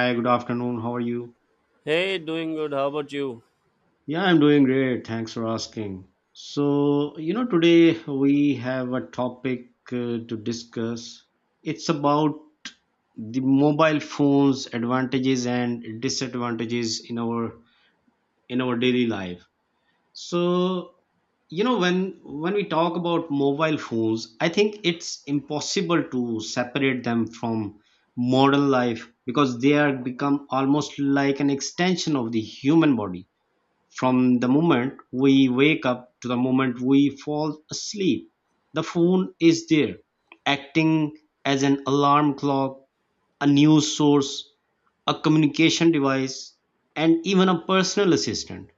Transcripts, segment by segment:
Hi, good afternoon. How are you? Hey, doing good. How about you? Yeah, I'm doing great. Thanks for asking. Today we have a topic to discuss. It's about the mobile phone's advantages and disadvantages in our daily life. So, when we talk about mobile phones, I think it's impossible to separate them from modern life because they are become almost like an extension of the human body. From the moment we wake up to the moment we fall asleep, the phone is there, acting as an alarm clock, a news source, a communication device, and even a personal assistant.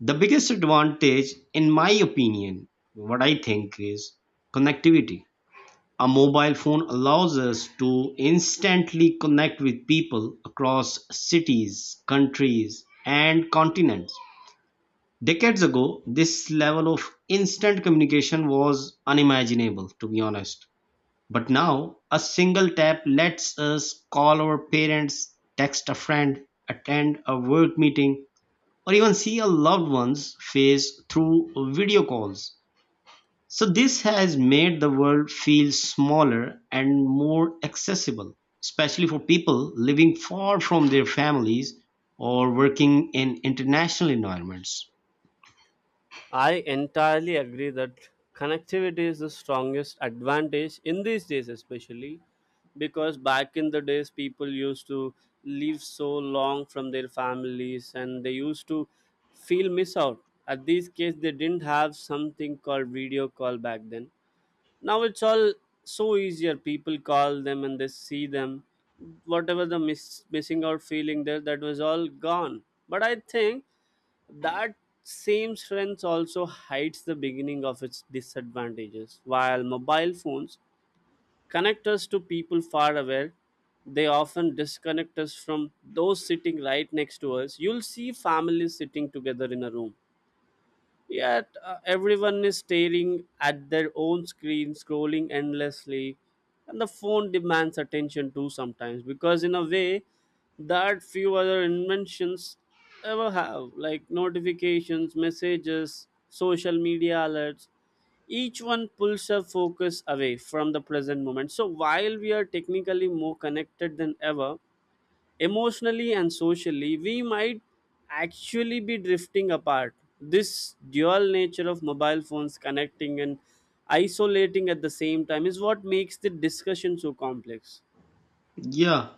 The biggest advantage, in my opinion, what I think is connectivity. A mobile phone allows us to instantly connect with people across cities, countries, and continents. Decades ago, this level of instant communication was unimaginable, to be honest. But now, a single tap lets us call our parents, text a friend, attend a work meeting, or even see a loved one's face through video calls. So, this has made the world feel smaller and more accessible, especially for people living far from their families or working in international environments. I entirely agree that connectivity is the strongest advantage in these days, especially because back in the days, people used to live so long from their families and they used to feel miss out. At these case, they didn't have something called video call back then. Now it's all so easier, people call them and they see them, whatever the missing out feeling there, that was all gone. But I think that same strength also hides the beginning of its disadvantages. While mobile phones connect us to people far away, they often disconnect us from those sitting right next to us. You'll see families sitting together in a room, yet everyone is staring at their own screen, scrolling endlessly, and the phone demands attention too sometimes because, in a way, that few other inventions ever have, like notifications, messages, social media alerts. Each one pulls our focus away from the present moment. So, while we are technically more connected than ever, emotionally and socially, we might actually be drifting apart. This dual nature of mobile phones, connecting and isolating at the same time, is what makes the discussion so complex. Yeah,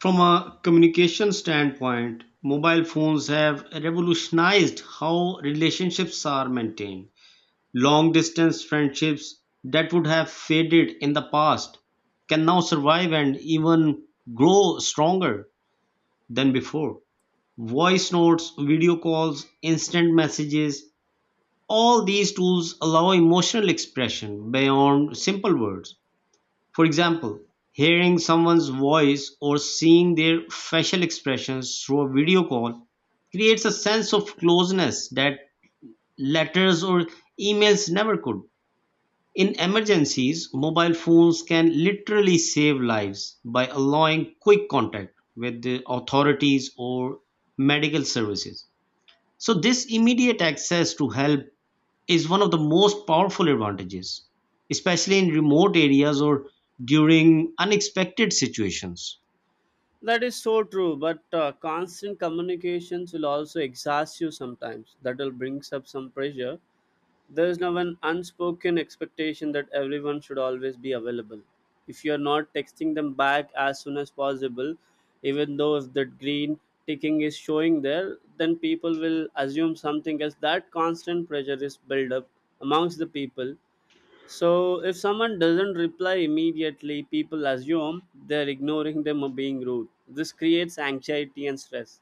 from a communication standpoint, mobile phones have revolutionized how relationships are maintained. Long distance friendships that would have faded in the past can now survive and even grow stronger than before. Voice notes, video calls, instant messages, all these tools allow emotional expression beyond simple words. For example, hearing someone's voice or seeing their facial expressions through a video call creates a sense of closeness that letters or emails never could. In emergencies, mobile phones can literally save lives by allowing quick contact with the authorities or medical services. So, this immediate access to help is one of the most powerful advantages, especially in remote areas or during unexpected situations. That is so true, but constant communications will also exhaust you sometimes. That will brings up some pressure. There is now an unspoken expectation that everyone should always be available. If you are not texting them back as soon as possible, even though if the green ticking is showing there, then people will assume something else. That constant pressure is built up amongst the people. So if someone doesn't reply immediately, people assume they're ignoring them or being rude. This creates anxiety and stress.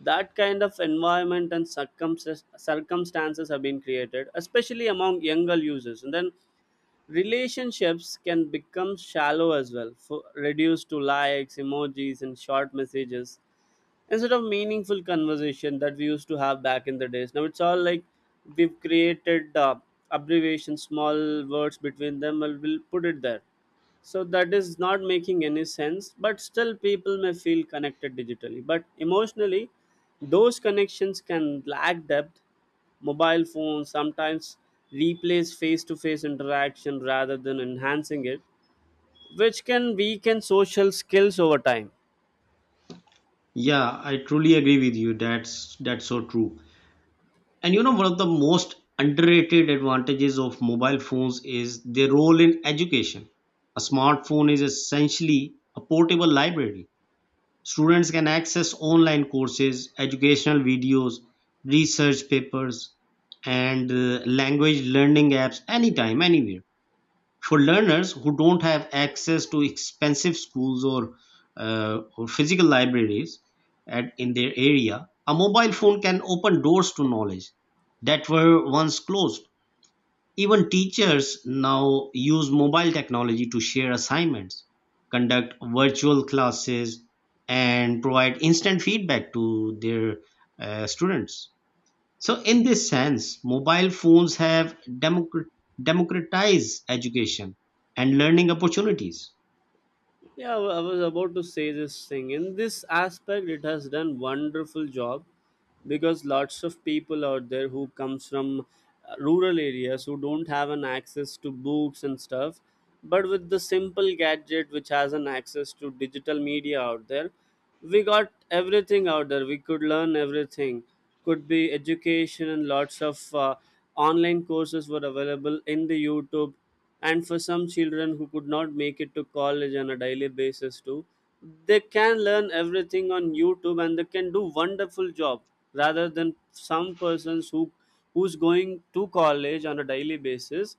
That kind of environment and circumstances have been created, especially among younger users. And then relationships can become shallow as well, for, reduced to likes, emojis and short messages instead of meaningful conversation that we used to have back in the days. Now it's all like we've created abbreviations, small words between them, and we'll put it there. So that is not making any sense, but still people may feel connected digitally but emotionally those connections can lack depth. Mobile phones sometimes replace face to face interaction rather than enhancing it, which can weaken social skills over time. Yeah, I truly agree with you. That's so true. And you know, one of the most underrated advantages of mobile phones is their role in education. A smartphone is essentially a portable library. Students can access online courses, educational videos, research papers, and language learning apps anytime, anywhere. For learners who don't have access to expensive schools, or physical libraries in their area, a mobile phone can open doors to knowledge that were once closed. Even teachers now use mobile technology to share assignments, conduct virtual classes, and provide instant feedback to their students. So in this sense, mobile phones have democratized education and learning opportunities. Yeah, I was about to say this thing. In this aspect, it has done wonderful job because lots of people out there who comes from rural areas who don't have an access to books and stuff, but with the simple gadget which has an access to digital media out there, we got everything out there, we could learn everything. Could be education, and lots of online courses were available in the YouTube. And for some children who could not make it to college on a daily basis too, they can learn everything on YouTube and they can do wonderful job, rather than some persons who who's going to college on a daily basis.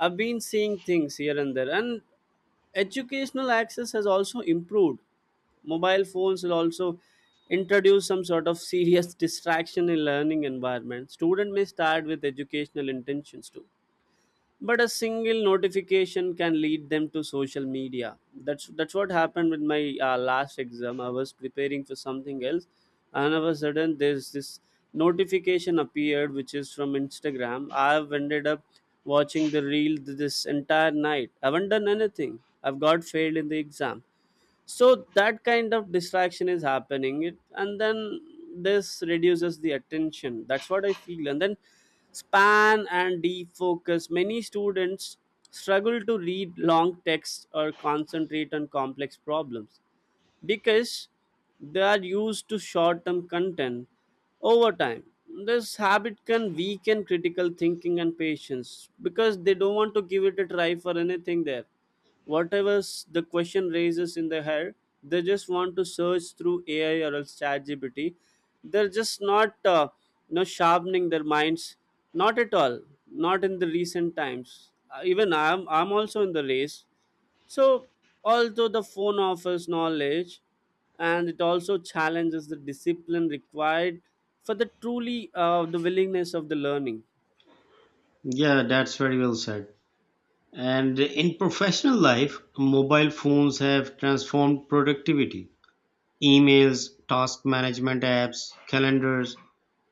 I've been seeing things here and there, and educational access has also improved. Mobile phones will also introduce some sort of serious distraction in learning environment. Student may start with educational intentions too, but a single notification can lead them to social media. That's what happened with my last exam. I was preparing for something else and all of a sudden there's this notification appeared which is from Instagram. I've ended up watching the this entire night, I haven't done anything. I've got failed in the exam. So that kind of distraction is happening it, and then this reduces the attention, that's what I feel. And then span and defocus, many students struggle to read long texts or concentrate on complex problems because they are used to short term content over time. This habit can weaken critical thinking and patience because they don't want to give it a try for anything there. Whatever the question raises in their head, they just want to search through AI or else ChatGPT. They're just not, you know, sharpening their minds. Not at all. Not in the recent times. Even I'm also in the race. So, although the phone offers knowledge, and it also challenges the discipline required for the truly the willingness of the learning. Yeah, that's very well said. And in professional life, mobile phones have transformed productivity. Emails, task management apps, calendars,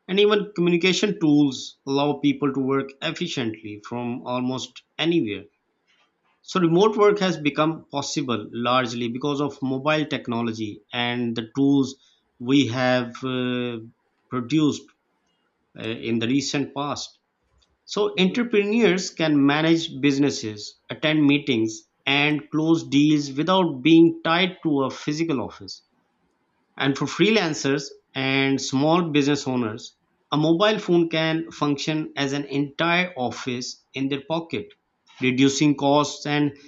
and even communication tools allow people to work efficiently from almost anywhere. So remote work has become possible largely because of mobile technology and the tools we have produced in the recent past. So Mhm. entrepreneurs can manage businesses, attend meetings, and close deals without being tied to a physical office. And for freelancers and small business owners, a mobile phone can function as an entire office in their pocket, reducing costs and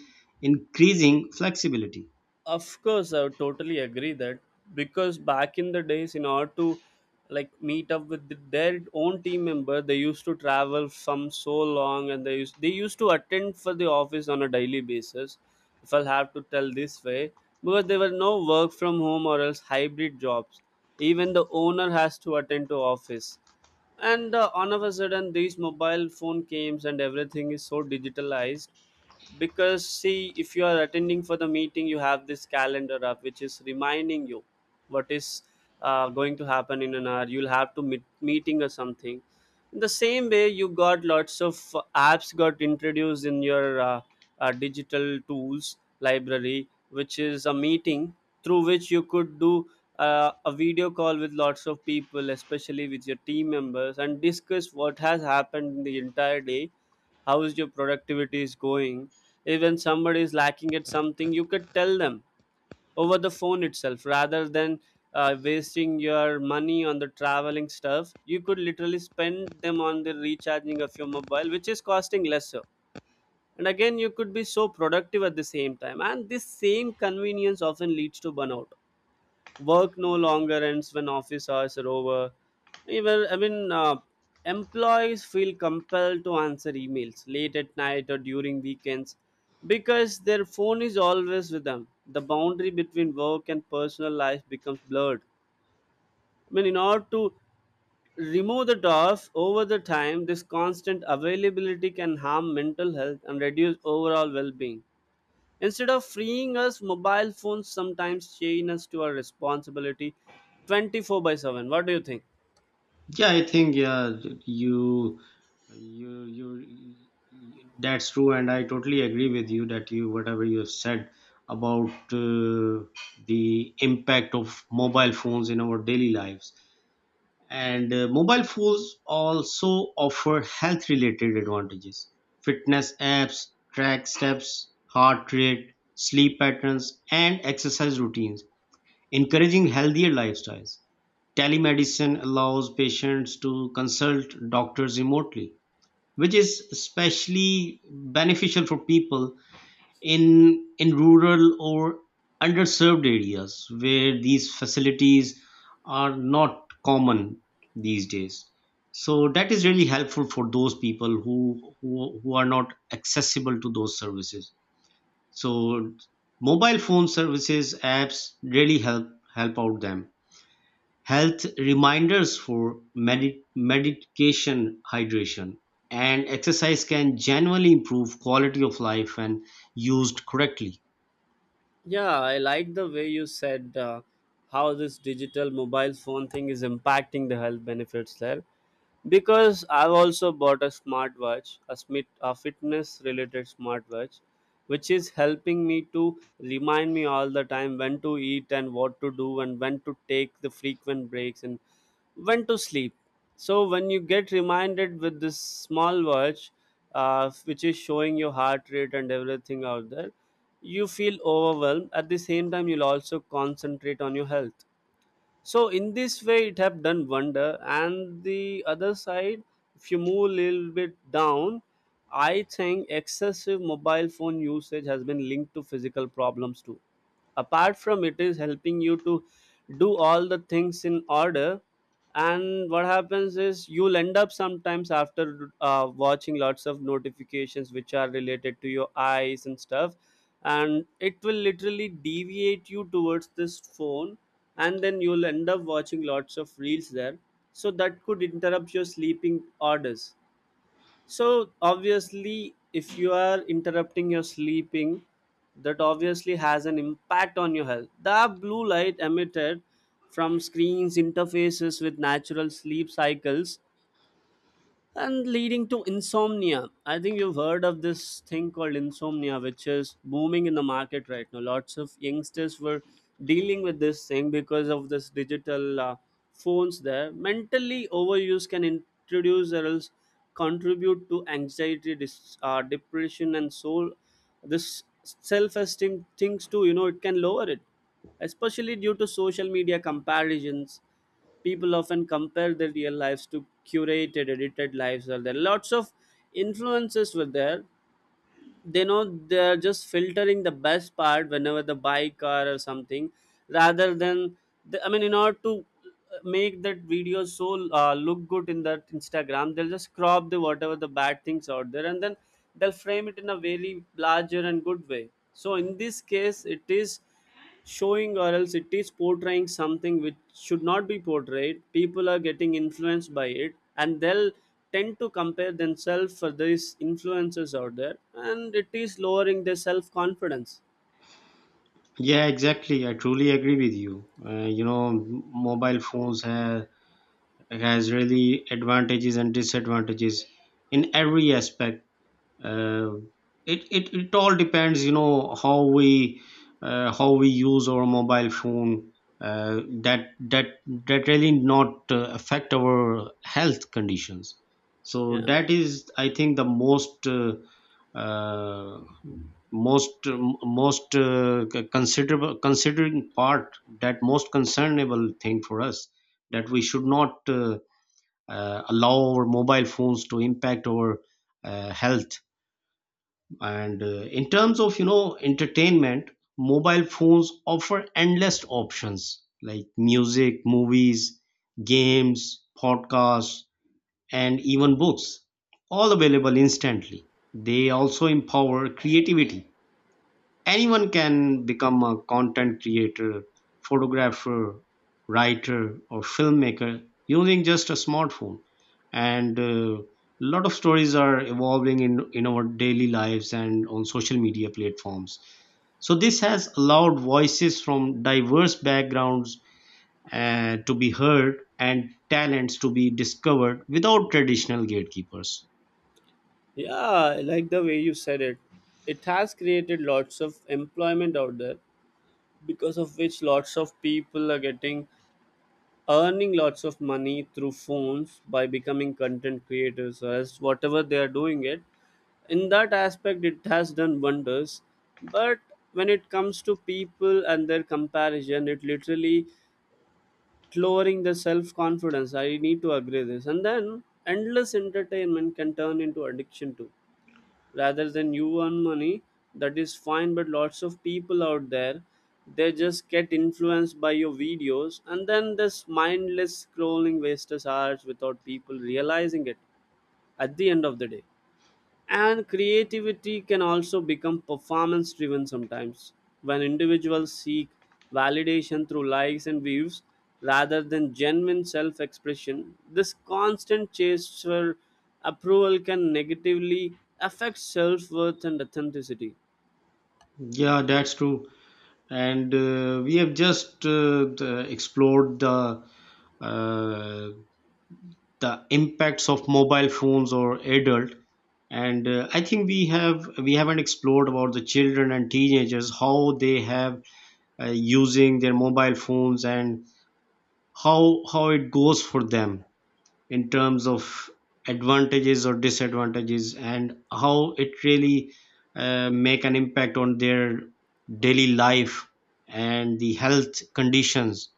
increasing flexibility. Of course, I would totally agree that because back in the days, in order to like meet up with their own team member, they used to travel from so long, and they used to attend for the office on a daily basis. If I'll have to tell this way, because there were no work from home or else hybrid jobs. Even the owner has to attend to office, and all of a sudden these mobile phone games and everything is so digitalized. Because see, if you are attending for the meeting, you have this calendar up which is reminding you what is going to happen in an hour, you'll have to meet meeting or something. In the same way, you got lots of apps got introduced in your digital tools library, which is a meeting through which you could do a video call with lots of people, especially with your team members, and discuss what has happened in the entire day, how is your productivity is going. Even somebody is lacking at something, you could tell them over the phone itself, rather than wasting your money on the traveling stuff. You could literally spend them on the recharging of your mobile which is costing lesser, and again you could be so productive at the same time. And this same convenience often leads to burnout. Work no longer ends when office hours are over. Even I mean, employees feel compelled to answer emails late at night or during weekends because their phone is always with them. The boundary between work and personal life becomes blurred. I mean, in order to remove the off over the time, this constant availability can harm mental health and reduce overall well-being. Instead of freeing us, mobile phones sometimes chain us to our responsibility 24 by 7. What do you think? Yeah, I think yeah, you you That's true, and I totally agree with you that you whatever you have said about the impact of mobile phones in our daily lives. And mobile phones also offer health related advantages. Fitness apps track steps, heart rate, sleep patterns, and exercise routines, encouraging healthier lifestyles. Telemedicine allows patients to consult doctors remotely, which is especially beneficial for people in rural or underserved areas where these facilities are not common these days. So that is really helpful for those people who are not accessible to those services. So mobile phone services apps really help, help out them. Health reminders for medication, hydration, and exercise can genuinely improve quality of life when used correctly. Yeah, I like the way you said how this digital mobile phone thing is impacting the health benefits there. Because I've also bought a smartwatch, a fitness-related smartwatch, which is helping me to remind me all the time when to eat and what to do and when to take the frequent breaks and when to sleep. So when you get reminded with this small watch, which is showing your heart rate and everything out there, you feel overwhelmed. At the same time, you'll also concentrate on your health. So in this way it have done wonder. And the other side, if you move a little bit down, I think excessive mobile phone usage has been linked to physical problems too. Apart from it is helping you to do all the things in order, and what happens is you'll end up sometimes after watching lots of notifications which are related to your eyes and stuff, and it will literally deviate you towards this phone, and then you'll end up watching lots of reels there. So that could interrupt your sleeping orders. So obviously, if you are interrupting your sleeping, that obviously has an impact on your health. The blue light emitted from screens interfaces with natural sleep cycles and leading to insomnia. I think you've heard of this thing called insomnia which is booming in the market right now. Lots of youngsters were dealing with this thing because of this digital phones there. Mentally, overuse can introduce or else contribute to anxiety, depression, and soul, this self-esteem things too, you know, it can lower it, especially due to social media comparisons. People often compare their real lives to curated edited lives. Are there lots of influences were there. They know they're just filtering the best part whenever they buy car or something, rather than the, I mean, in order to make that video so look good in that Instagram, they'll just crop the whatever the bad things out there, and then they'll frame it in a very larger and good way. So in this case, it is showing or else it is portraying something which should not be portrayed. People are getting influenced by it, and they'll tend to compare themselves for these influences out there, and it is lowering their self-confidence. Yeah, exactly. I truly agree with you. You know, mobile phones have, has really advantages and disadvantages in every aspect. Uh, it, it it all depends, you know, how we, how we use our mobile phone, uh, that that that really not affect our health conditions. So Yeah, that is, I think, the most uh, most most considerable, considering part, that most concernable thing for us, that we should not allow our mobile phones to impact our health. And in terms of, you know, entertainment, mobile phones offer endless options like music, movies, games, podcasts, and even books, all available instantly. They also empower creativity. Anyone can become a content creator, photographer, writer, or filmmaker using just a smartphone. And a lot of stories are evolving in our daily lives and on social media platforms. So, this has allowed voices from diverse backgrounds to be heard and talents to be discovered without traditional gatekeepers. yeah, I like the way you said it. It has created lots of employment out there, because of which lots of people are getting earning lots of money through phones by becoming content creators. So, as whatever they are doing it, in that aspect it has done wonders. But when it comes to people and their comparison, it literally lowering the self confidence, I need to agree this. And then endless entertainment can turn into addiction too. Rather than you earn money, that is fine, but lots of people out there, they just get influenced by your videos, and then this mindless scrolling wastes hours without people realizing it at the end of the day. And creativity can also become performance driven sometimes, when individuals seek validation through likes and views rather than genuine self expression. This constant chase for approval can negatively affect self worth and authenticity. Yeah, that's true. And we have just explored uh, the impacts of mobile phones or adult. And I think we have, we haven't explored about the children and teenagers, how they have using their mobile phones and how it goes for them in terms of advantages or disadvantages and how it really make an impact on their daily life and the health conditions.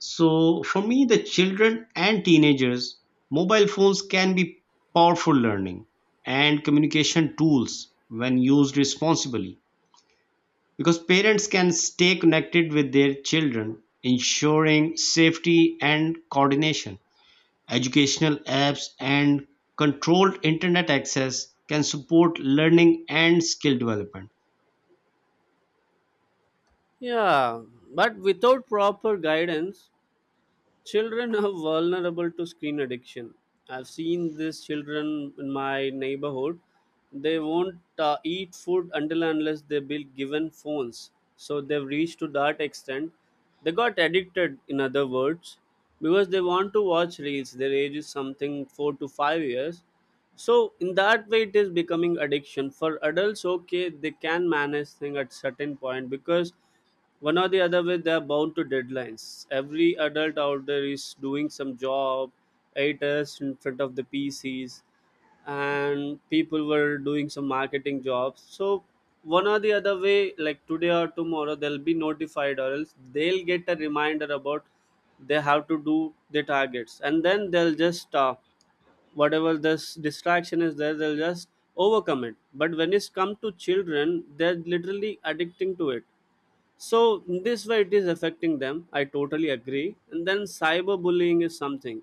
So for me, the children and teenagers, mobile phones can be powerful learning and communication tools when used responsibly, because parents can stay connected with their children, ensuring safety and coordination. Educational apps and controlled internet access can support learning and skill development. Yeah, but without proper guidance, children are vulnerable to screen addiction. I've seen these children in my neighborhood. They won't eat food until and unless they be given phones. So they've reached to that extent. They got addicted, in other words, because they want to watch reels. Their age is something 4 to 5 years. So in that way, it is becoming addiction. For adults, okay, they can manage thing at certain point because one or the other way they are bound to deadlines. Every adult out there is doing some job, 8 hours in front of the PCs, and people were doing some marketing jobs. So one or the other way, like today or tomorrow they'll be notified or else they'll get a reminder about they have to do the targets, and then they'll just whatever this distraction is there, they'll just overcome it. But when it's come to children, they're literally addicting to it. So this way it is affecting them. I totally agree. And then cyberbullying is something,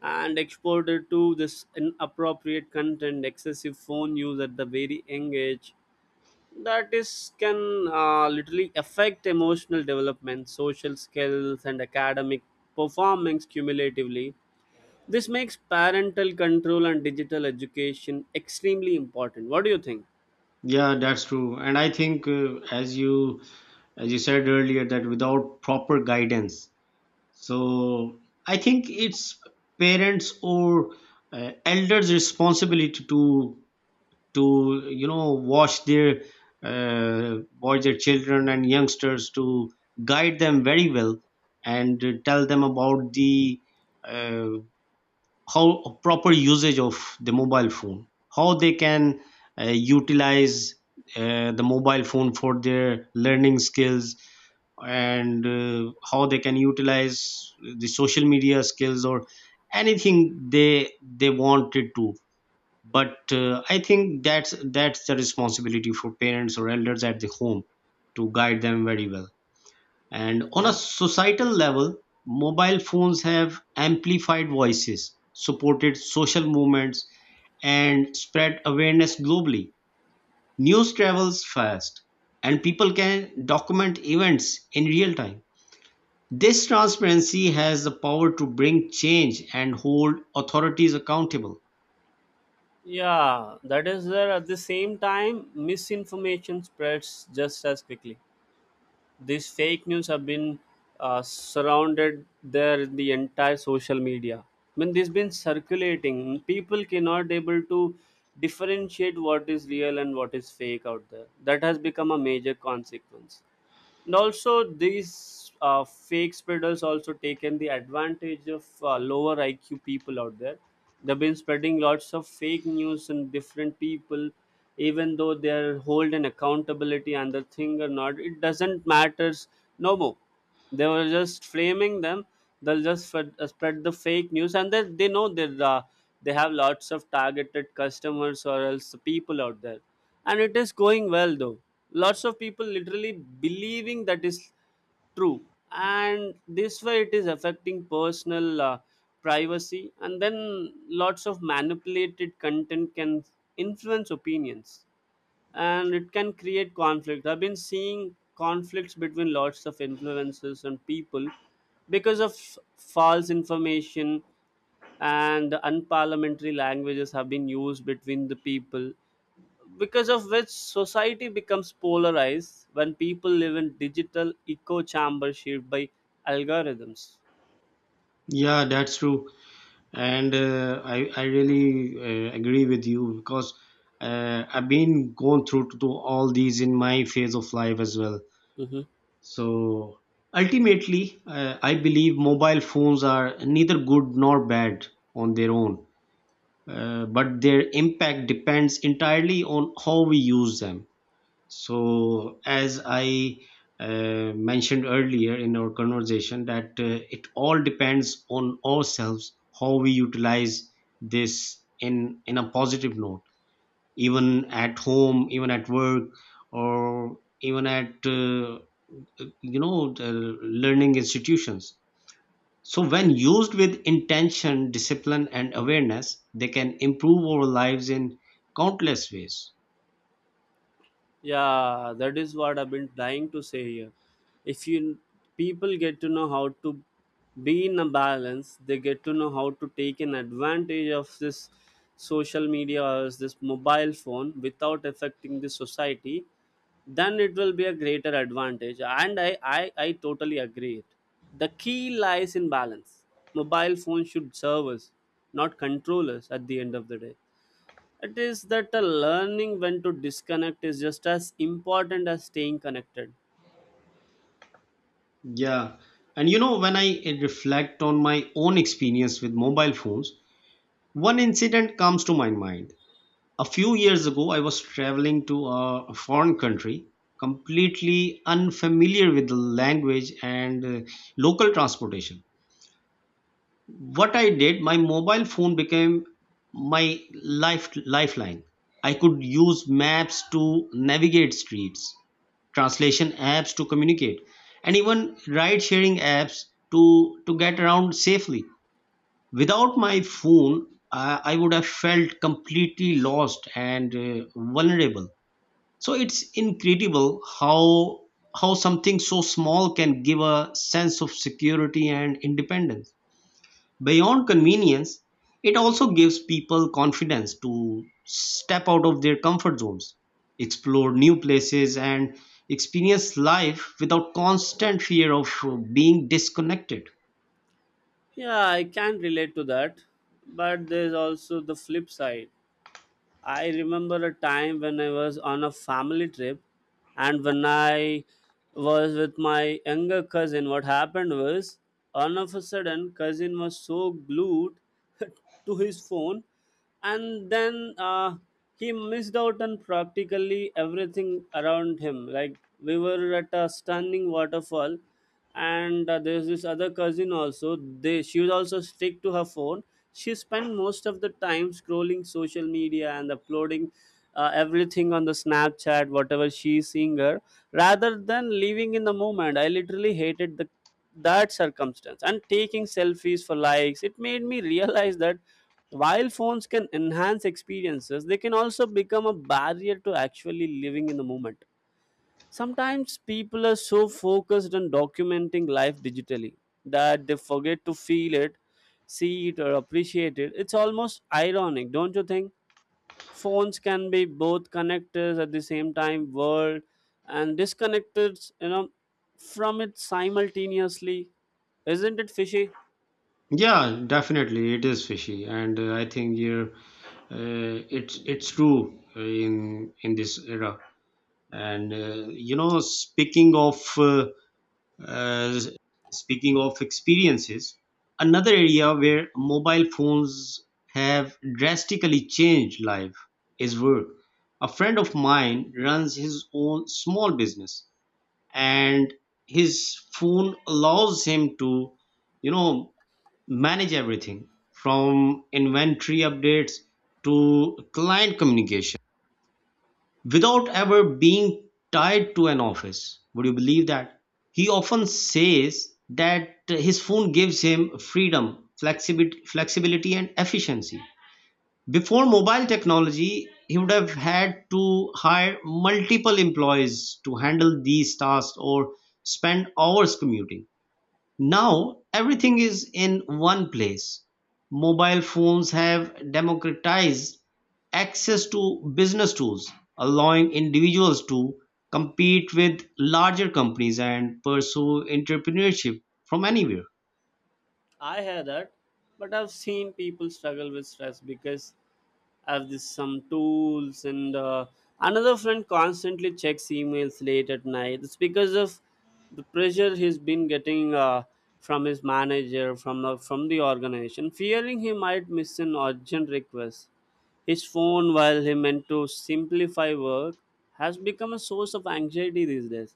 and exposure to this inappropriate content, excessive phone use at the very young age, that is can literally affect emotional development, social skills, and academic performance cumulatively. This makes parental control and digital education extremely important. What do you think? Yeah, that's true. And I think, as you, as you said earlier, that without proper guidance, so I think it's parents or elders' responsibility to you know watch their children and youngsters, to guide them very well and tell them about the uh, how proper usage of the mobile phone, how they can uh, utilize the mobile phone for their learning skills, and how they can utilize the social media skills or anything they they wanted to. But I think that's the responsibility for parents or elders at the home to guide them very well. And on a Yeah. societal level, mobile phones have amplified voices, supported social movements, and spread awareness globally. News travels fast, and people can document events in real time. This transparency has the power to bring change and hold authorities accountable. Yeah, that is there. At the same time, misinformation spreads just as quickly. These fake news have been surrounded there in the entire social media. I mean, this been circulating. People cannot able to differentiate what is real and what is fake out there. That has become a major consequence. And also these fake spreaders also taken the advantage of lower IQ people out there. They've been spreading lots of fake news, and different people, even though they're hold an accountability and the thing or not, it doesn't matters no more. They were just flaming them. They'll just spread the fake news, and they know that they have lots of targeted customers or else the people out there, and it is going well though. Lots of people literally believing that is true, and this way it is affecting personal privacy. And then lots of manipulated content can influence opinions, and it can create conflict. I've been seeing conflicts between lots of influencers and people because of false information, and unparliamentary languages have been used between the people, because of which society becomes polarized when people live in digital echo chamber shaped by algorithms. Yeah, that's true. And I really agree with you because I've been going through to all these in my phase of life as well. Mhm. So ultimately, I believe mobile phones are neither good nor bad on their own, but their impact depends entirely on how we use them. So, as I mentioned earlier in our conversation, that it all depends on ourselves how we utilize this in a positive note, even at home, even at work, or even at you know the learning institutions. So, when used with intention, discipline, and awareness, they can improve our lives in countless ways. Yeah, that is what I've been trying to say here. If you people get to know how to be in a balance, they get to know how to take an advantage of this social media or this mobile phone without affecting the society, then it will be a greater advantage. And I totally agree it. The key lies in balance. Mobile phone should serve us, not control us at the end of the day. It is that learning when to disconnect is just as important as staying connected. Yeah. And you know, when I reflect on my own experience with mobile phones, one incident comes to my mind. A few years ago, I was traveling to a foreign country, completely unfamiliar with the language and local transportation. What I did, my mobile phone became my life, lifeline. I could use maps to navigate streets, translation apps to communicate, and even ride sharing apps to get around safely. Without my phone, I would have felt completely lost and vulnerable. So it's incredible how something so small can give a sense of security and independence. Beyond convenience, it also gives people confidence to step out of their comfort zones, explore new places, and experience life without constant fear of being disconnected. Yeah, I can relate to that. But there's also the flip side. I remember a time when I was on a family trip, and when I was with my younger cousin, what happened was all of a sudden cousin was so glued to his phone, and then he missed out on practically everything around him. Like, we were at a stunning waterfall, and there's this other cousin also, they, she was also stick to her phone. She spent most of the time scrolling social media and uploading everything on the Snapchat, whatever she's seeing her, rather than living in the moment. I literally hated the that circumstance, and taking selfies for likes. It made me realize that while phones can enhance experiences, they can also become a barrier to actually living in the moment. Sometimes people are so focused on documenting life digitally that they forget to feel it, see it, or appreciate it. It's almost ironic, don't you think? Phones can be both connectors at the same time, world, and disconnectors, you know, from it simultaneously. Isn't it fishy? Yeah, definitely, it is fishy, and I think you're, it's true in this era. And you know, Uh, speaking of experiences, another area where mobile phones have drastically changed life is work. A friend of mine runs his own small business, and his phone allows him to, you know, manage everything from inventory updates to client communication without ever being tied to an office. Would you believe that? He often says that his phone gives him freedom, flexibility, flexibility, and efficiency. Before mobile technology, he would have had to hire multiple employees to handle these tasks or spend hours commuting. Now everything is in one place. Mobile phones have democratized access to business tools, allowing individuals to compete with larger companies and pursue entrepreneurship from anywhere. I hear that, but I've seen people struggle with stress because I have this some tools, and another friend constantly checks emails late at night. It's because of the pressure he's been getting from his manager, from the organization, fearing he might miss an urgent request. His phone, while he meant to simplify work, has become a source of anxiety these days.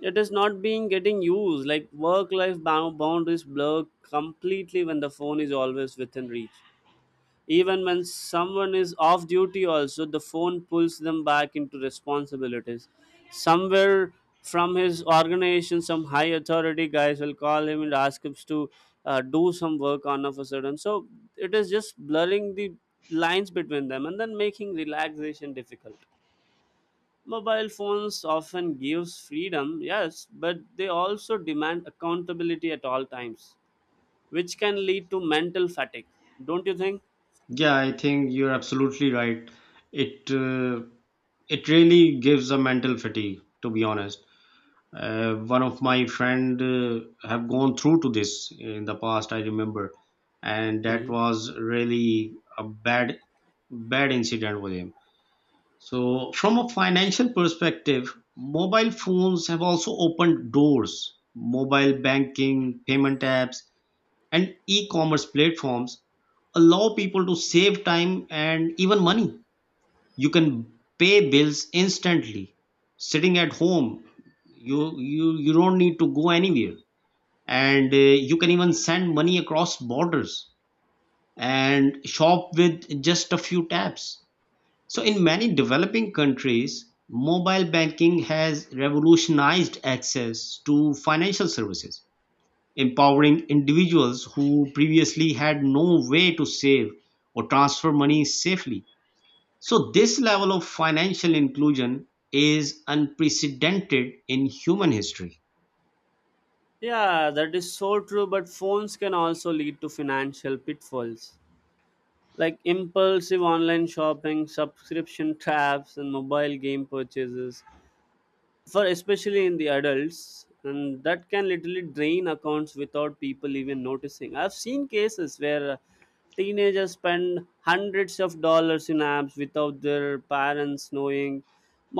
It is not being getting used. Like, work life boundaries blur completely when the phone is always within reach. Even when someone is off duty also, the phone pulls them back into responsibilities. Somewhere from his organization some high authority guys will call him and ask him to do some work on of a sudden. So it is just blurring the lines between them and then making relaxation difficult. Mobile phones often gives freedom, yes, but they also demand accountability at all times, which can lead to mental fatigue. Don't you think? Yeah, I think you're absolutely right. It it really gives a mental fatigue, to be honest. One of my friend have gone through to this in the past, I remember, and that Hmm. was really a bad, bad incident with him. So from a financial perspective, mobile phones have also opened doors. Mobile banking, payment apps, and e-commerce platforms allow people to save time and even money. You can pay bills instantly, sitting at home. You don't need to go anywhere, and you can even send money across borders and shop with just a few taps. So in many developing countries, mobile banking has revolutionized access to financial services, empowering individuals who previously had no way to save or transfer money safely. So, this level of financial inclusion is unprecedented in human history. Yeah, that is so true, but phones can also lead to financial pitfalls, like impulsive online shopping, subscription traps, and mobile game purchases, for especially in the adults, and that can literally drain accounts without people even noticing. I've seen cases where teenagers spend hundreds of dollars in apps without their parents knowing.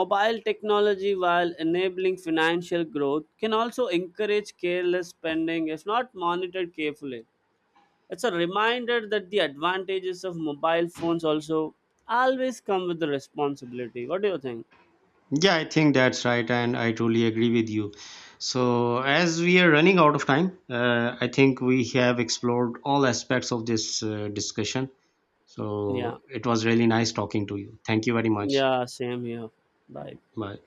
Mobile technology, while enabling financial growth, can also encourage careless spending if not monitored carefully. It's a reminder that the advantages of mobile phones also always come with the responsibility. What do you think? Yeah, I think that's right, and I truly agree with you. So, as we are running out of time, I think we have explored all aspects of this discussion. Yeah. So, it was really nice talking to you. Thank you very much. Yeah, same here. Bye. Bye.